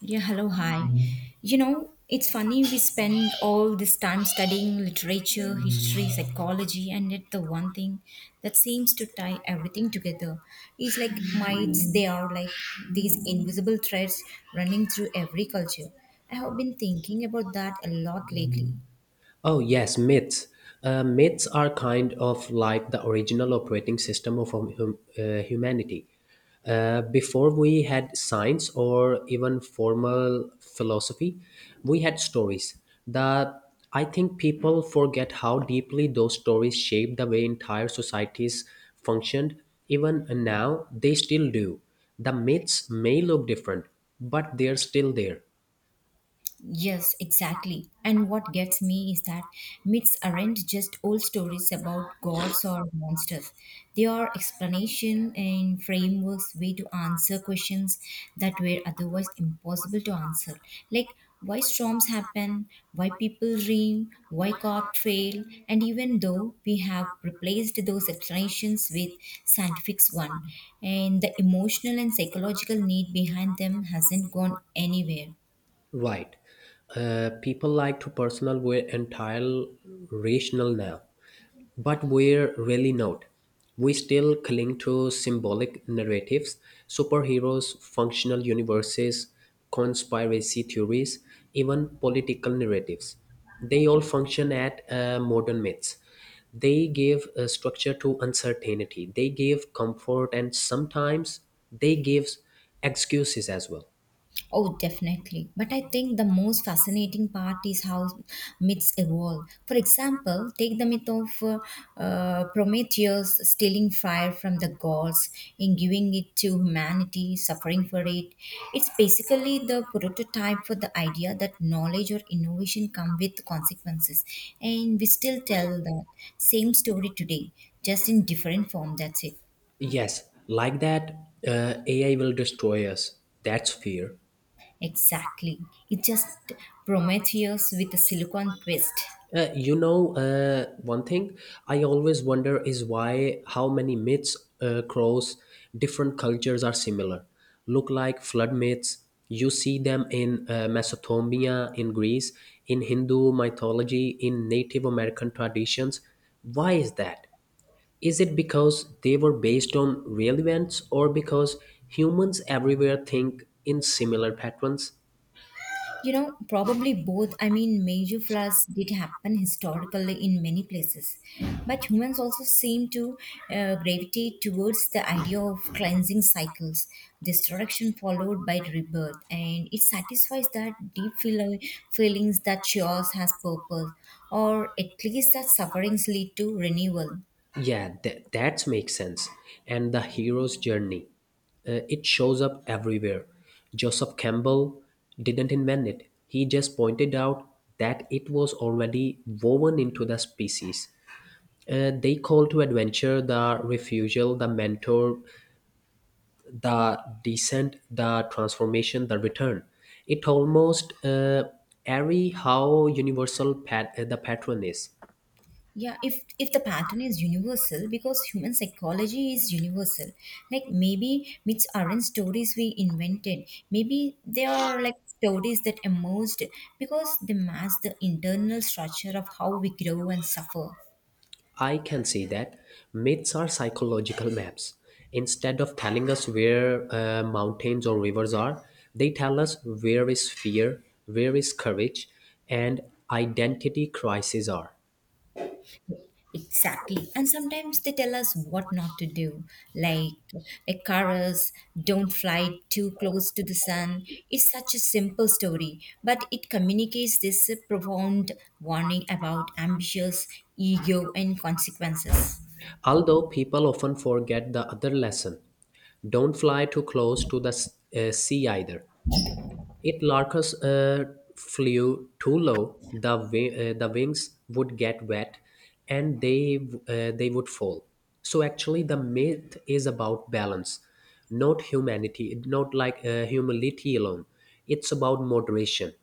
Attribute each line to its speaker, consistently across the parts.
Speaker 1: Yeah, hello, hi. Mhm. You know, it's funny we spend all this time studying literature, history, psychology, and yet the one thing that seems to tie everything together is like mites, they are like these invisible threads running through every culture. I have been thinking about that a lot lately.
Speaker 2: Oh, yes, myths. Myths are kind of like the original operating system of humanity. Before we had science or even formal philosophy, we had stories. The I think people forget how deeply those stories shaped the way entire societies functioned. Even now, they still do. The myths may look different, but they're still there.
Speaker 1: Yes, exactly. And what gets me is that myths aren't just old stories about gods or monsters. They are explanation and frameworks way to answer questions that were otherwise impossible to answer. Like why storms happen, why people dream, why God fail, and even though we have replaced those explanations with scientific one, and the emotional and psychological need behind them hasn't gone anywhere.
Speaker 2: Right. People like to personal we're entirely rational now, but we're really not. We still cling to symbolic narratives, superheroes, functional universes, conspiracy theories, even political narratives. They all function at modern myths. They give structure to uncertainty. They give comfort, and sometimes they give excuses as well.
Speaker 1: Oh, definitely. But I think the most fascinating part is how myths evolve. For example, take the myth of Prometheus stealing fire from the gods and giving it to humanity, suffering for it. It's basically the prototype for the idea that knowledge or innovation come with consequences. And we still tell that same story today, just in different form. That's it.
Speaker 2: Yes, like that, AI will destroy us. That's fear.
Speaker 1: Exactly. It's just Prometheus with a silicon twist.
Speaker 2: One thing I always wonder is why how many myths across different cultures are similar. Look like flood myths. You see them in Mesopotamia, in Greece, in Hindu mythology, in Native American traditions. Why is that? Is it because they were based on real events or because humans everywhere think in similar patterns?
Speaker 1: You know, probably both. I mean, major floods did happen historically in many places, but humans also seem to gravitate towards the idea of cleansing cycles, destruction followed by rebirth, and it satisfies that feelings that chaos has purpose, or at least that sufferings lead to renewal.
Speaker 2: Yeah, that makes sense. And the hero's journey, it shows up everywhere. Joseph Campbell didn't invent it, he just pointed out that it was already woven into the species. They call to adventure the refusal, the mentor, the descent, the transformation, the return. It almost airy how universal the pattern is.
Speaker 1: Yeah, if the pattern is universal because human psychology is universal, like maybe myths aren't stories we invented, maybe they are like stories that emerged because they mask the internal structure of how we grow and suffer.
Speaker 2: I can see that myths are psychological maps. Instead of telling us where mountains or rivers are, they tell us where is fear, where is courage, and identity crises are.
Speaker 1: Exactly. And sometimes they tell us what not to do, like a chorus, don't fly too close to the sun. It's such a simple story, but it communicates this profound warning about ambitious ego and consequences.
Speaker 2: Although people often forget the other lesson, don't fly too close to the sea either. If Larkus flew too low, the the wings would get wet, and they would fall. So actually, the myth is about balance, not humanity, not like humility alone. It's about moderation.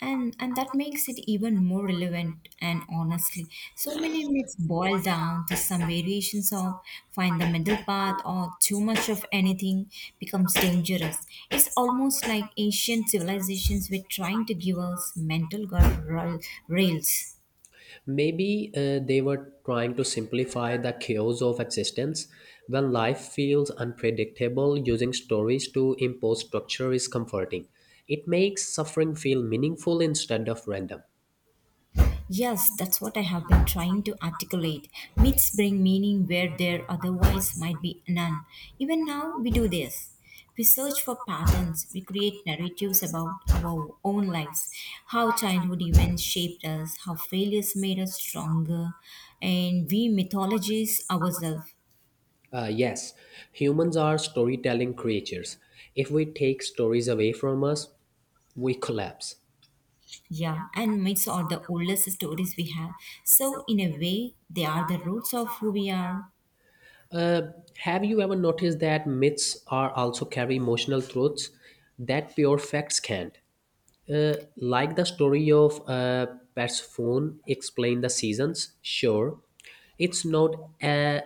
Speaker 1: And that makes it even more relevant, and honestly so many myths boil down to some variations of find the middle path or too much of anything becomes dangerous. It's almost like ancient civilizations were trying to give us mental guardrails.
Speaker 2: Maybe they were trying to simplify the chaos of existence. When life feels unpredictable, using stories to impose structure is comforting. It makes suffering feel meaningful instead of random.
Speaker 1: Yes, that's what I have been trying to articulate. Myths bring meaning where there otherwise might be none. Even now, we do this. We search for patterns, we create narratives about our own lives, how childhood events shaped us, how failures made us stronger, and we mythologize ourselves.
Speaker 2: Yes, humans are storytelling creatures. If we take stories away from us, we collapse.
Speaker 1: Yeah, and myths are the oldest stories we have. So, in a way, they are the roots of who we are.
Speaker 2: Have you ever noticed that myths are also carry emotional truths that pure facts can't? Like the story of Persephone explain the seasons. Sure, it's not uh,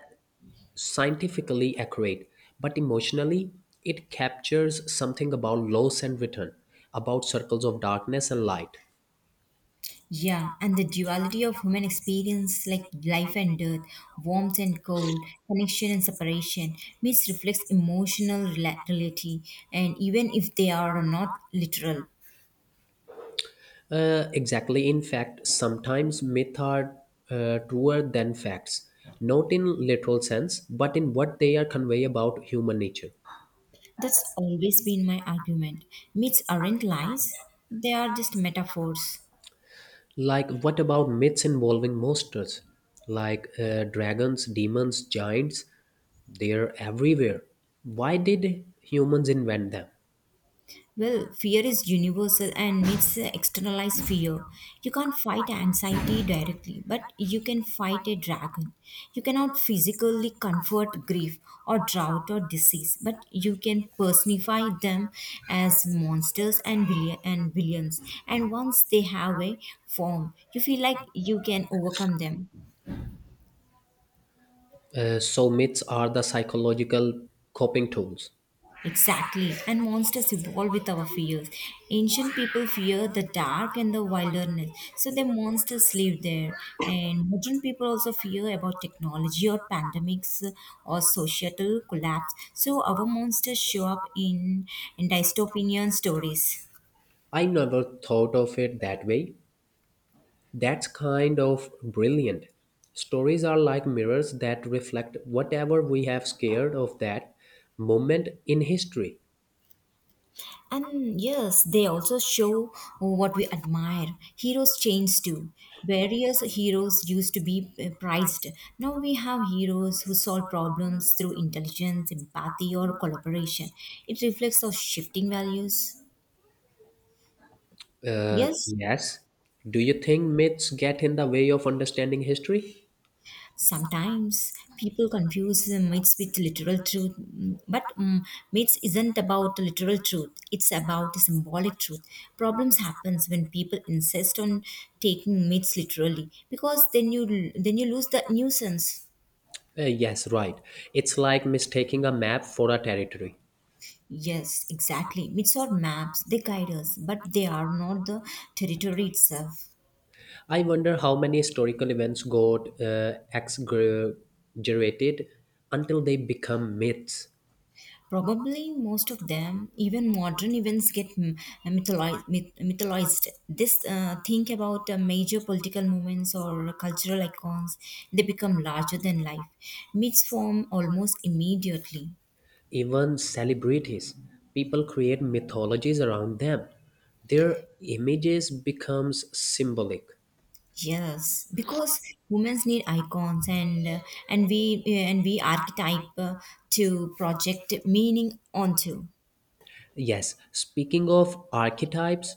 Speaker 2: scientifically accurate, but emotionally it captures something about loss and return, about circles of darkness and light.
Speaker 1: Yeah, and the duality of human experience, like life and death, warmth and cold, connection and separation, myths reflects emotional reality, and even if they are not literal.
Speaker 2: Exactly. In fact, sometimes myths are truer than facts, not in literal sense, but in what they are convey about human nature.
Speaker 1: That's always been my argument. Myths aren't lies, they are just metaphors.
Speaker 2: Like, what about myths involving monsters, like dragons, demons, giants? They are everywhere. Why did humans invent them?
Speaker 1: Well, fear is universal and needs to externalize fear. You can't fight anxiety directly, but you can fight a dragon. You cannot physically comfort grief or drought or disease, but you can personify them as monsters and villains. And once they have a form, you feel like you can overcome them.
Speaker 2: So myths are the psychological coping tools.
Speaker 1: Exactly, and monsters evolve with our fears. Ancient people fear the dark and the wilderness, so their monsters live there. And modern people also fear about technology or pandemics or societal collapse, so our monsters show up in dystopian stories.
Speaker 2: I never thought of it that way. That's kind of brilliant. Stories are like mirrors that reflect whatever we have scared of that moment in history.
Speaker 1: And yes, they also show what we admire. Heroes change too. Various heroes used to be prized. Now we have heroes who solve problems through intelligence, empathy, or collaboration. It reflects our shifting values. Yes?
Speaker 2: Yes. Do you think myths get in the way of understanding history?
Speaker 1: Sometimes people confuse the myths with literal truth, but myths isn't about literal truth. It's about symbolic truth. Problems happens when people insist on taking myths literally because then you lose the nuisance.
Speaker 2: Yes, right. It's like mistaking a map for a territory.
Speaker 1: Yes, exactly. Myths are maps. They guide us, but they are not the territory itself.
Speaker 2: I wonder how many historical events got exaggerated until they become myths.
Speaker 1: Probably most of them, even modern events, get mythologized. This Think about major political movements or cultural icons, they become larger than life. Myths form almost immediately.
Speaker 2: Even celebrities people create mythologies around them their images becomes symbolic.
Speaker 1: Yes, because humans need icons, and and we archetype to project meaning onto.
Speaker 2: Yes, speaking of archetypes,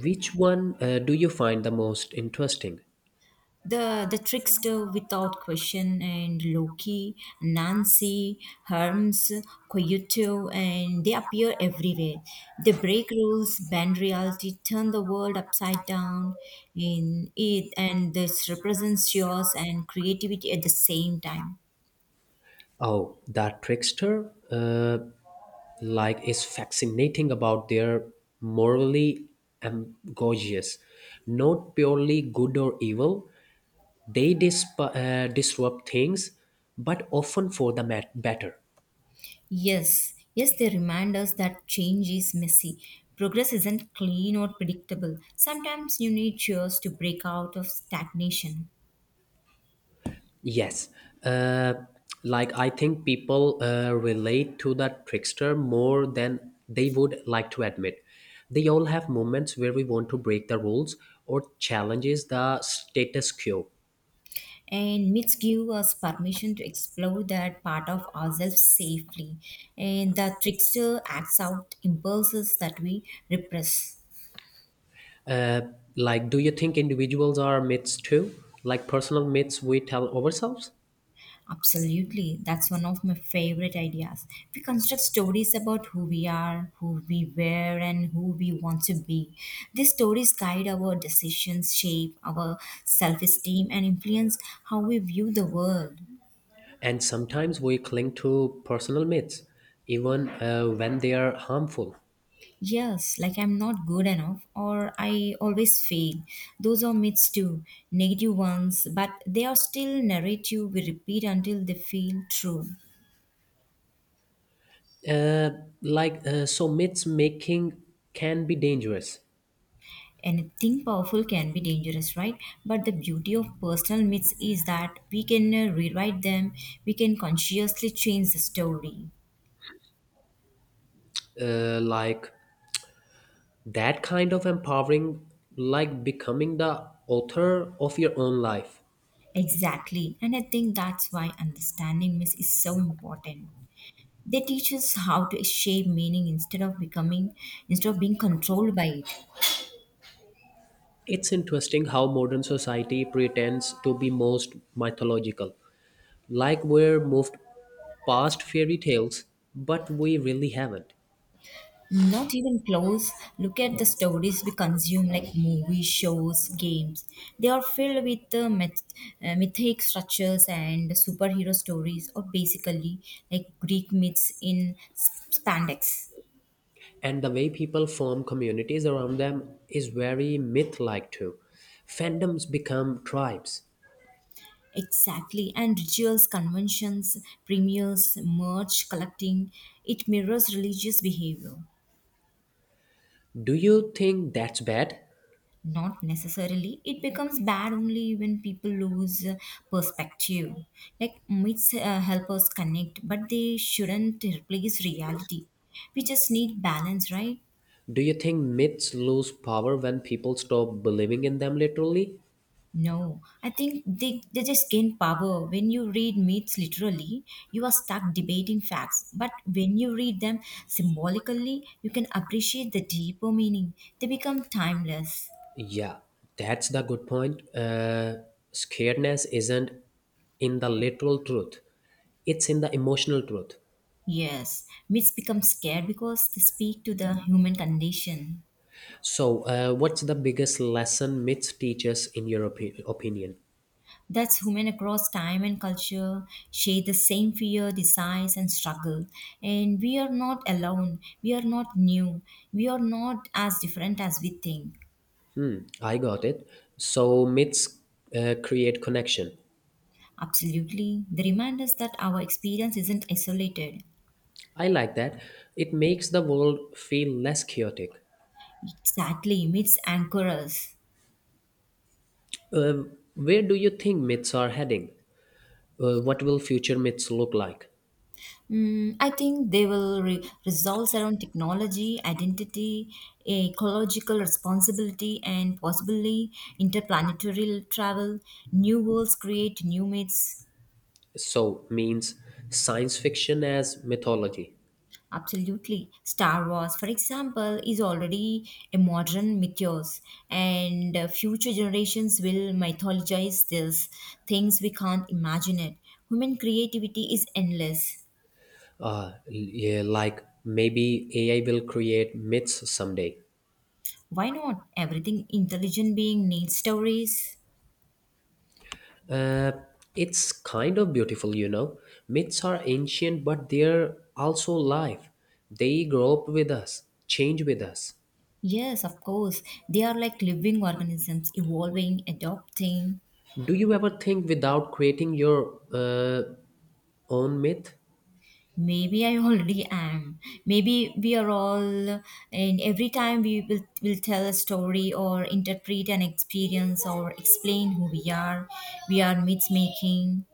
Speaker 2: which one do you find the most interesting?
Speaker 1: The trickster without question, and Loki, Nancy, Hermes, Coyote, and they appear everywhere. They break rules, bend reality, turn the world upside down in it, and this represents chaos and creativity at the same time.
Speaker 2: Oh, that trickster, like is fascinating about their morally ambiguous, not purely good or evil. They disrupt things, but often for the better.
Speaker 1: Yes, yes, they remind us that change is messy. Progress isn't clean or predictable. Sometimes you need cheers to break out of stagnation.
Speaker 2: Yes. Uh, like, I think people relate to that trickster more than they would like to admit. They all have moments where we want to break the rules or challenges the status quo.
Speaker 1: And myths give us permission to explore that part of ourselves safely, and the trickster acts out impulses that we repress.
Speaker 2: Like, do you think individuals are myths too? Like personal myths we tell ourselves?
Speaker 1: Absolutely, that's one of my favorite ideas. We construct stories about who we are, who we were, and who we want to be. These stories guide our decisions, shape our self-esteem, and influence how we view the world.
Speaker 2: And sometimes we cling to personal myths, even when they are harmful.
Speaker 1: Yes, like I'm not good enough or I always fail. Those are myths too, negative ones, but they are still narrative we repeat until they feel true.
Speaker 2: Uh, so myths making can be dangerous.
Speaker 1: Anything powerful can be dangerous, right? But the beauty of personal myths is that we can rewrite them, we can consciously change the story.
Speaker 2: Like, that kind of empowering, like becoming the author of your own life.
Speaker 1: Exactly, and I think that's why understanding myths is so important. They teach us how to shape meaning instead of becoming, instead of being controlled by it.
Speaker 2: It's interesting how modern society pretends to be most mythological, like we're moved past fairy tales, but we really haven't.
Speaker 1: Not even close. Look at the stories we consume, like movies, shows, games. They are filled with mythic structures and superhero stories, or basically like Greek myths in spandex.
Speaker 2: And the way people form communities around them is very myth like too. Fandoms become tribes.
Speaker 1: Exactly, and rituals, conventions, premiers, merch, collecting. It mirrors religious behavior.
Speaker 2: Do you think that's bad?
Speaker 1: Not necessarily. It becomes bad only when people lose perspective. Like myths help us connect, but they shouldn't replace reality. We just need balance, right?
Speaker 2: Do you think myths lose power when people stop believing in them literally?
Speaker 1: No, I think they just gain power. When you read myths literally, you are stuck debating facts. But when you read them symbolically, you can appreciate the deeper meaning. They become timeless.
Speaker 2: Yeah, that's the good point. Scaredness isn't in the literal truth, it's in the emotional truth.
Speaker 1: Yes, myths become scared because they speak to the human condition.
Speaker 2: So, what's the biggest lesson myths teach us in your opinion?
Speaker 1: That's human across time and culture, share the same fear, desires, and struggle. And we are not alone, we are not new, we are not as different as we think.
Speaker 2: Hmm, I got it. So, myths create connection.
Speaker 1: Absolutely. They remind us that our experience isn't isolated.
Speaker 2: I like that. It makes the world feel less chaotic.
Speaker 1: Exactly, myths anchor us.
Speaker 2: Uh, where do you think myths are heading? What will future myths look like?
Speaker 1: Mm, I think they will resolve around technology, identity, ecological responsibility, and possibly interplanetary travel. New worlds create new myths.
Speaker 2: So, means science fiction as mythology.
Speaker 1: Absolutely. Star Wars, for example, is already a modern mythos, and future generations will mythologize these things we can't imagine it. Human creativity is endless.
Speaker 2: Yeah, like maybe AI will create myths someday.
Speaker 1: Why not? Everything intelligent being needs stories.
Speaker 2: Uh, it's kind of beautiful, you know. Myths are ancient, but they're also alive. They grow up with us, change with us.
Speaker 1: Yes, of course. They are like living organisms, evolving, adopting.
Speaker 2: Do you ever think without creating your own myth?
Speaker 1: Maybe I already am. Maybe we are all, and every time we will tell a story or interpret an experience or explain who we are myth making.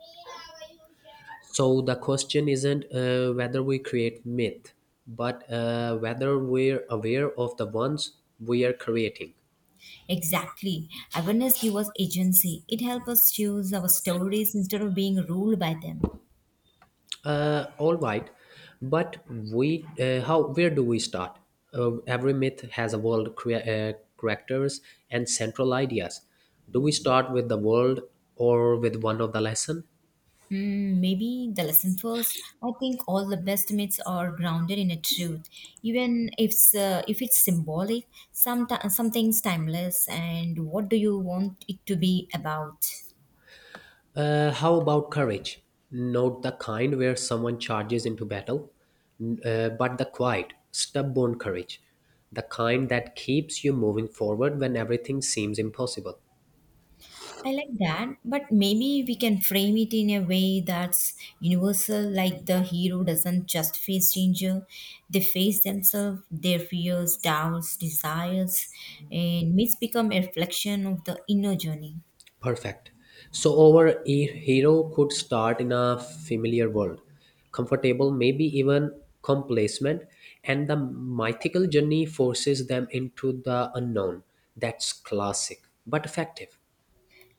Speaker 2: So the question isn't whether we create myth, but whether we're aware of the ones we are creating.
Speaker 1: Exactly. Awareness gives us agency. It helps us choose our stories instead of being ruled by them.
Speaker 2: All right, but we how where do we start? Every myth has a world, characters and central ideas. Do we start with the world or with one of the lesson?
Speaker 1: Hmm, maybe the lesson first. I think all the best myths are grounded in a truth, even if if it's symbolic. Something's timeless, and what do you want it to be about?
Speaker 2: How about courage? Not the kind where someone charges into battle, but the quiet, stubborn courage, the kind that keeps you moving forward when everything seems impossible.
Speaker 1: I like that, but maybe we can frame it in a way that's universal. Like the hero doesn't just face danger; they face themselves, their fears, doubts, desires, and myths become a reflection of the inner journey.
Speaker 2: Perfect. So our hero could start in a familiar world, comfortable, maybe even complacent, and the mythical journey forces them into the unknown. That's classic, but effective.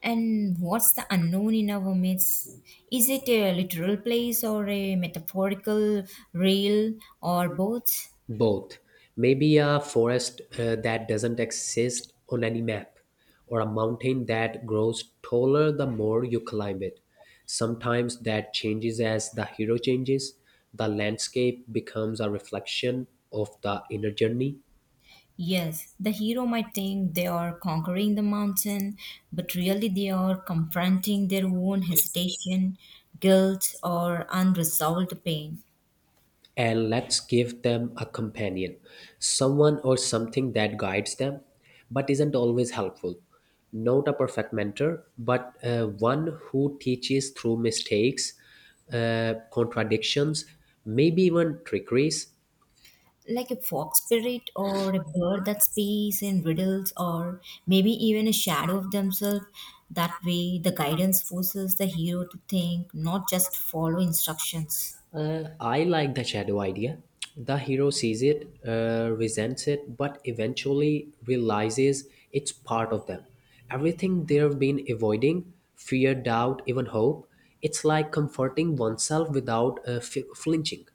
Speaker 1: And what's the unknown in our midst? Is it a literal place or a metaphorical rail or both?
Speaker 2: Both. Maybe a forest that doesn't exist on any map, or a mountain that grows taller the more you climb it. Sometimes that changes as the hero changes. The landscape becomes a reflection of the inner journey.
Speaker 1: Yes, the hero might think they are conquering the mountain, but really they are confronting their own hesitation, guilt, or unresolved pain.
Speaker 2: And let's give them a companion, someone or something that guides them but isn't always helpful. Not a perfect mentor, but one who teaches through mistakes, contradictions, maybe even trickeries.
Speaker 1: Like a fox spirit or a bird that speaks in riddles, or maybe even a shadow of themselves. That way the guidance forces the hero to think, not just follow instructions.
Speaker 2: I like the shadow idea. The hero sees it, resents it, but eventually realizes it's part of them. Everything they've been avoiding, fear, doubt, even hope, it's like comforting oneself without flinching.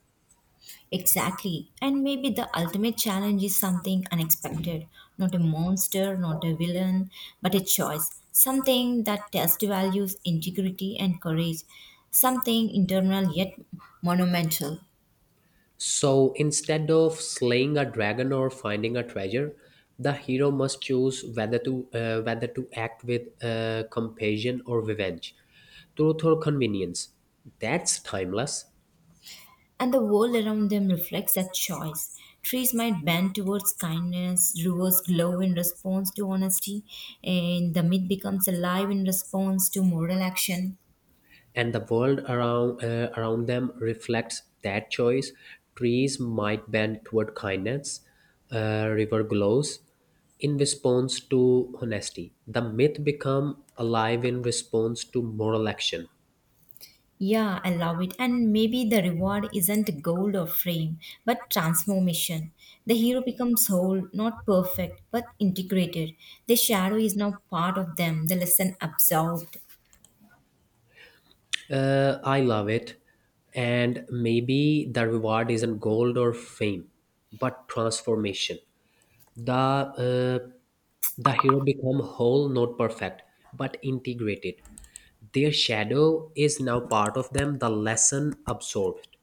Speaker 1: Exactly, and maybe the ultimate challenge is something unexpected, not a monster, not a villain, but a choice, something that tests values, integrity, and courage, something internal yet monumental.
Speaker 2: So instead of slaying a dragon or finding a treasure, the hero must choose whether to act with compassion or revenge, truth or convenience. That's timeless.
Speaker 1: And the world around them reflects that choice. Trees might bend towards kindness, rivers glow in response to honesty, and the myth becomes alive in response to moral action.
Speaker 2: And the world around around them reflects that choice. Trees might bend toward kindness, river glows in response to honesty. The myth become alive in response to moral action.
Speaker 1: Yeah, I love it. And maybe the reward isn't gold or fame, but transformation. The hero becomes whole, not perfect, but integrated. The shadow is now part of them, the lesson absorbed.
Speaker 2: I love it. And maybe the reward isn't gold or fame, but transformation. The uh, the hero become whole, not perfect, but integrated. Their shadow is now part of them, the lesson absorbed.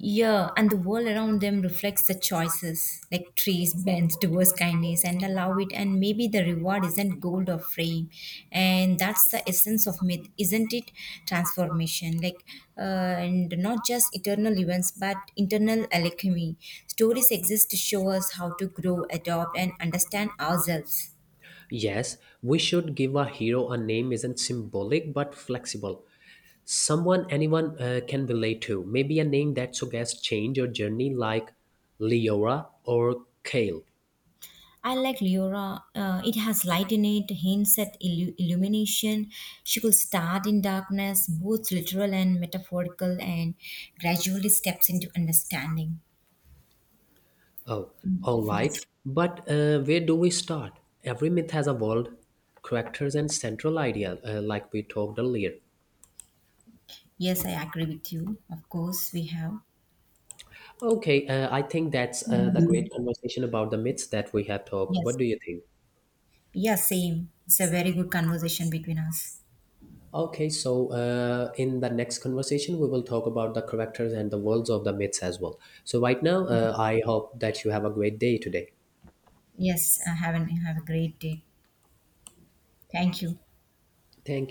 Speaker 1: Yeah, and the world around them reflects the choices. Like trees bend towards kindness and allow it, and maybe the reward isn't gold or fame. And that's the essence of myth, isn't it? Transformation, uh, and not just eternal events, but internal alchemy. Stories exist to show us how to grow, adopt, and understand ourselves.
Speaker 2: Yes, we should give a hero a name isn't symbolic but flexible. Someone anyone can relate to. Maybe a name that suggests change or journey like Leora or Kale.
Speaker 1: I like Leora. It has light in it, hints at illumination. She could start in darkness, both literal and metaphorical, and gradually steps into understanding.
Speaker 2: Oh, all right.
Speaker 1: Yes,
Speaker 2: But where do we start? Every myth has evolved characters and central idea, like we talked earlier.
Speaker 1: yes, I agree with you. Of course, we have.
Speaker 2: Okay, I think that's the great conversation about the myths that we have talked. What
Speaker 1: Yes,
Speaker 2: do you think?
Speaker 1: yeah, same. It's a very good conversation between us.
Speaker 2: Okay, so in the next conversation, we will talk about the characters and the worlds of the myths as well. So, right now, I hope that you have a great day today.
Speaker 1: Yes, have a great day. Thank you.
Speaker 2: Thank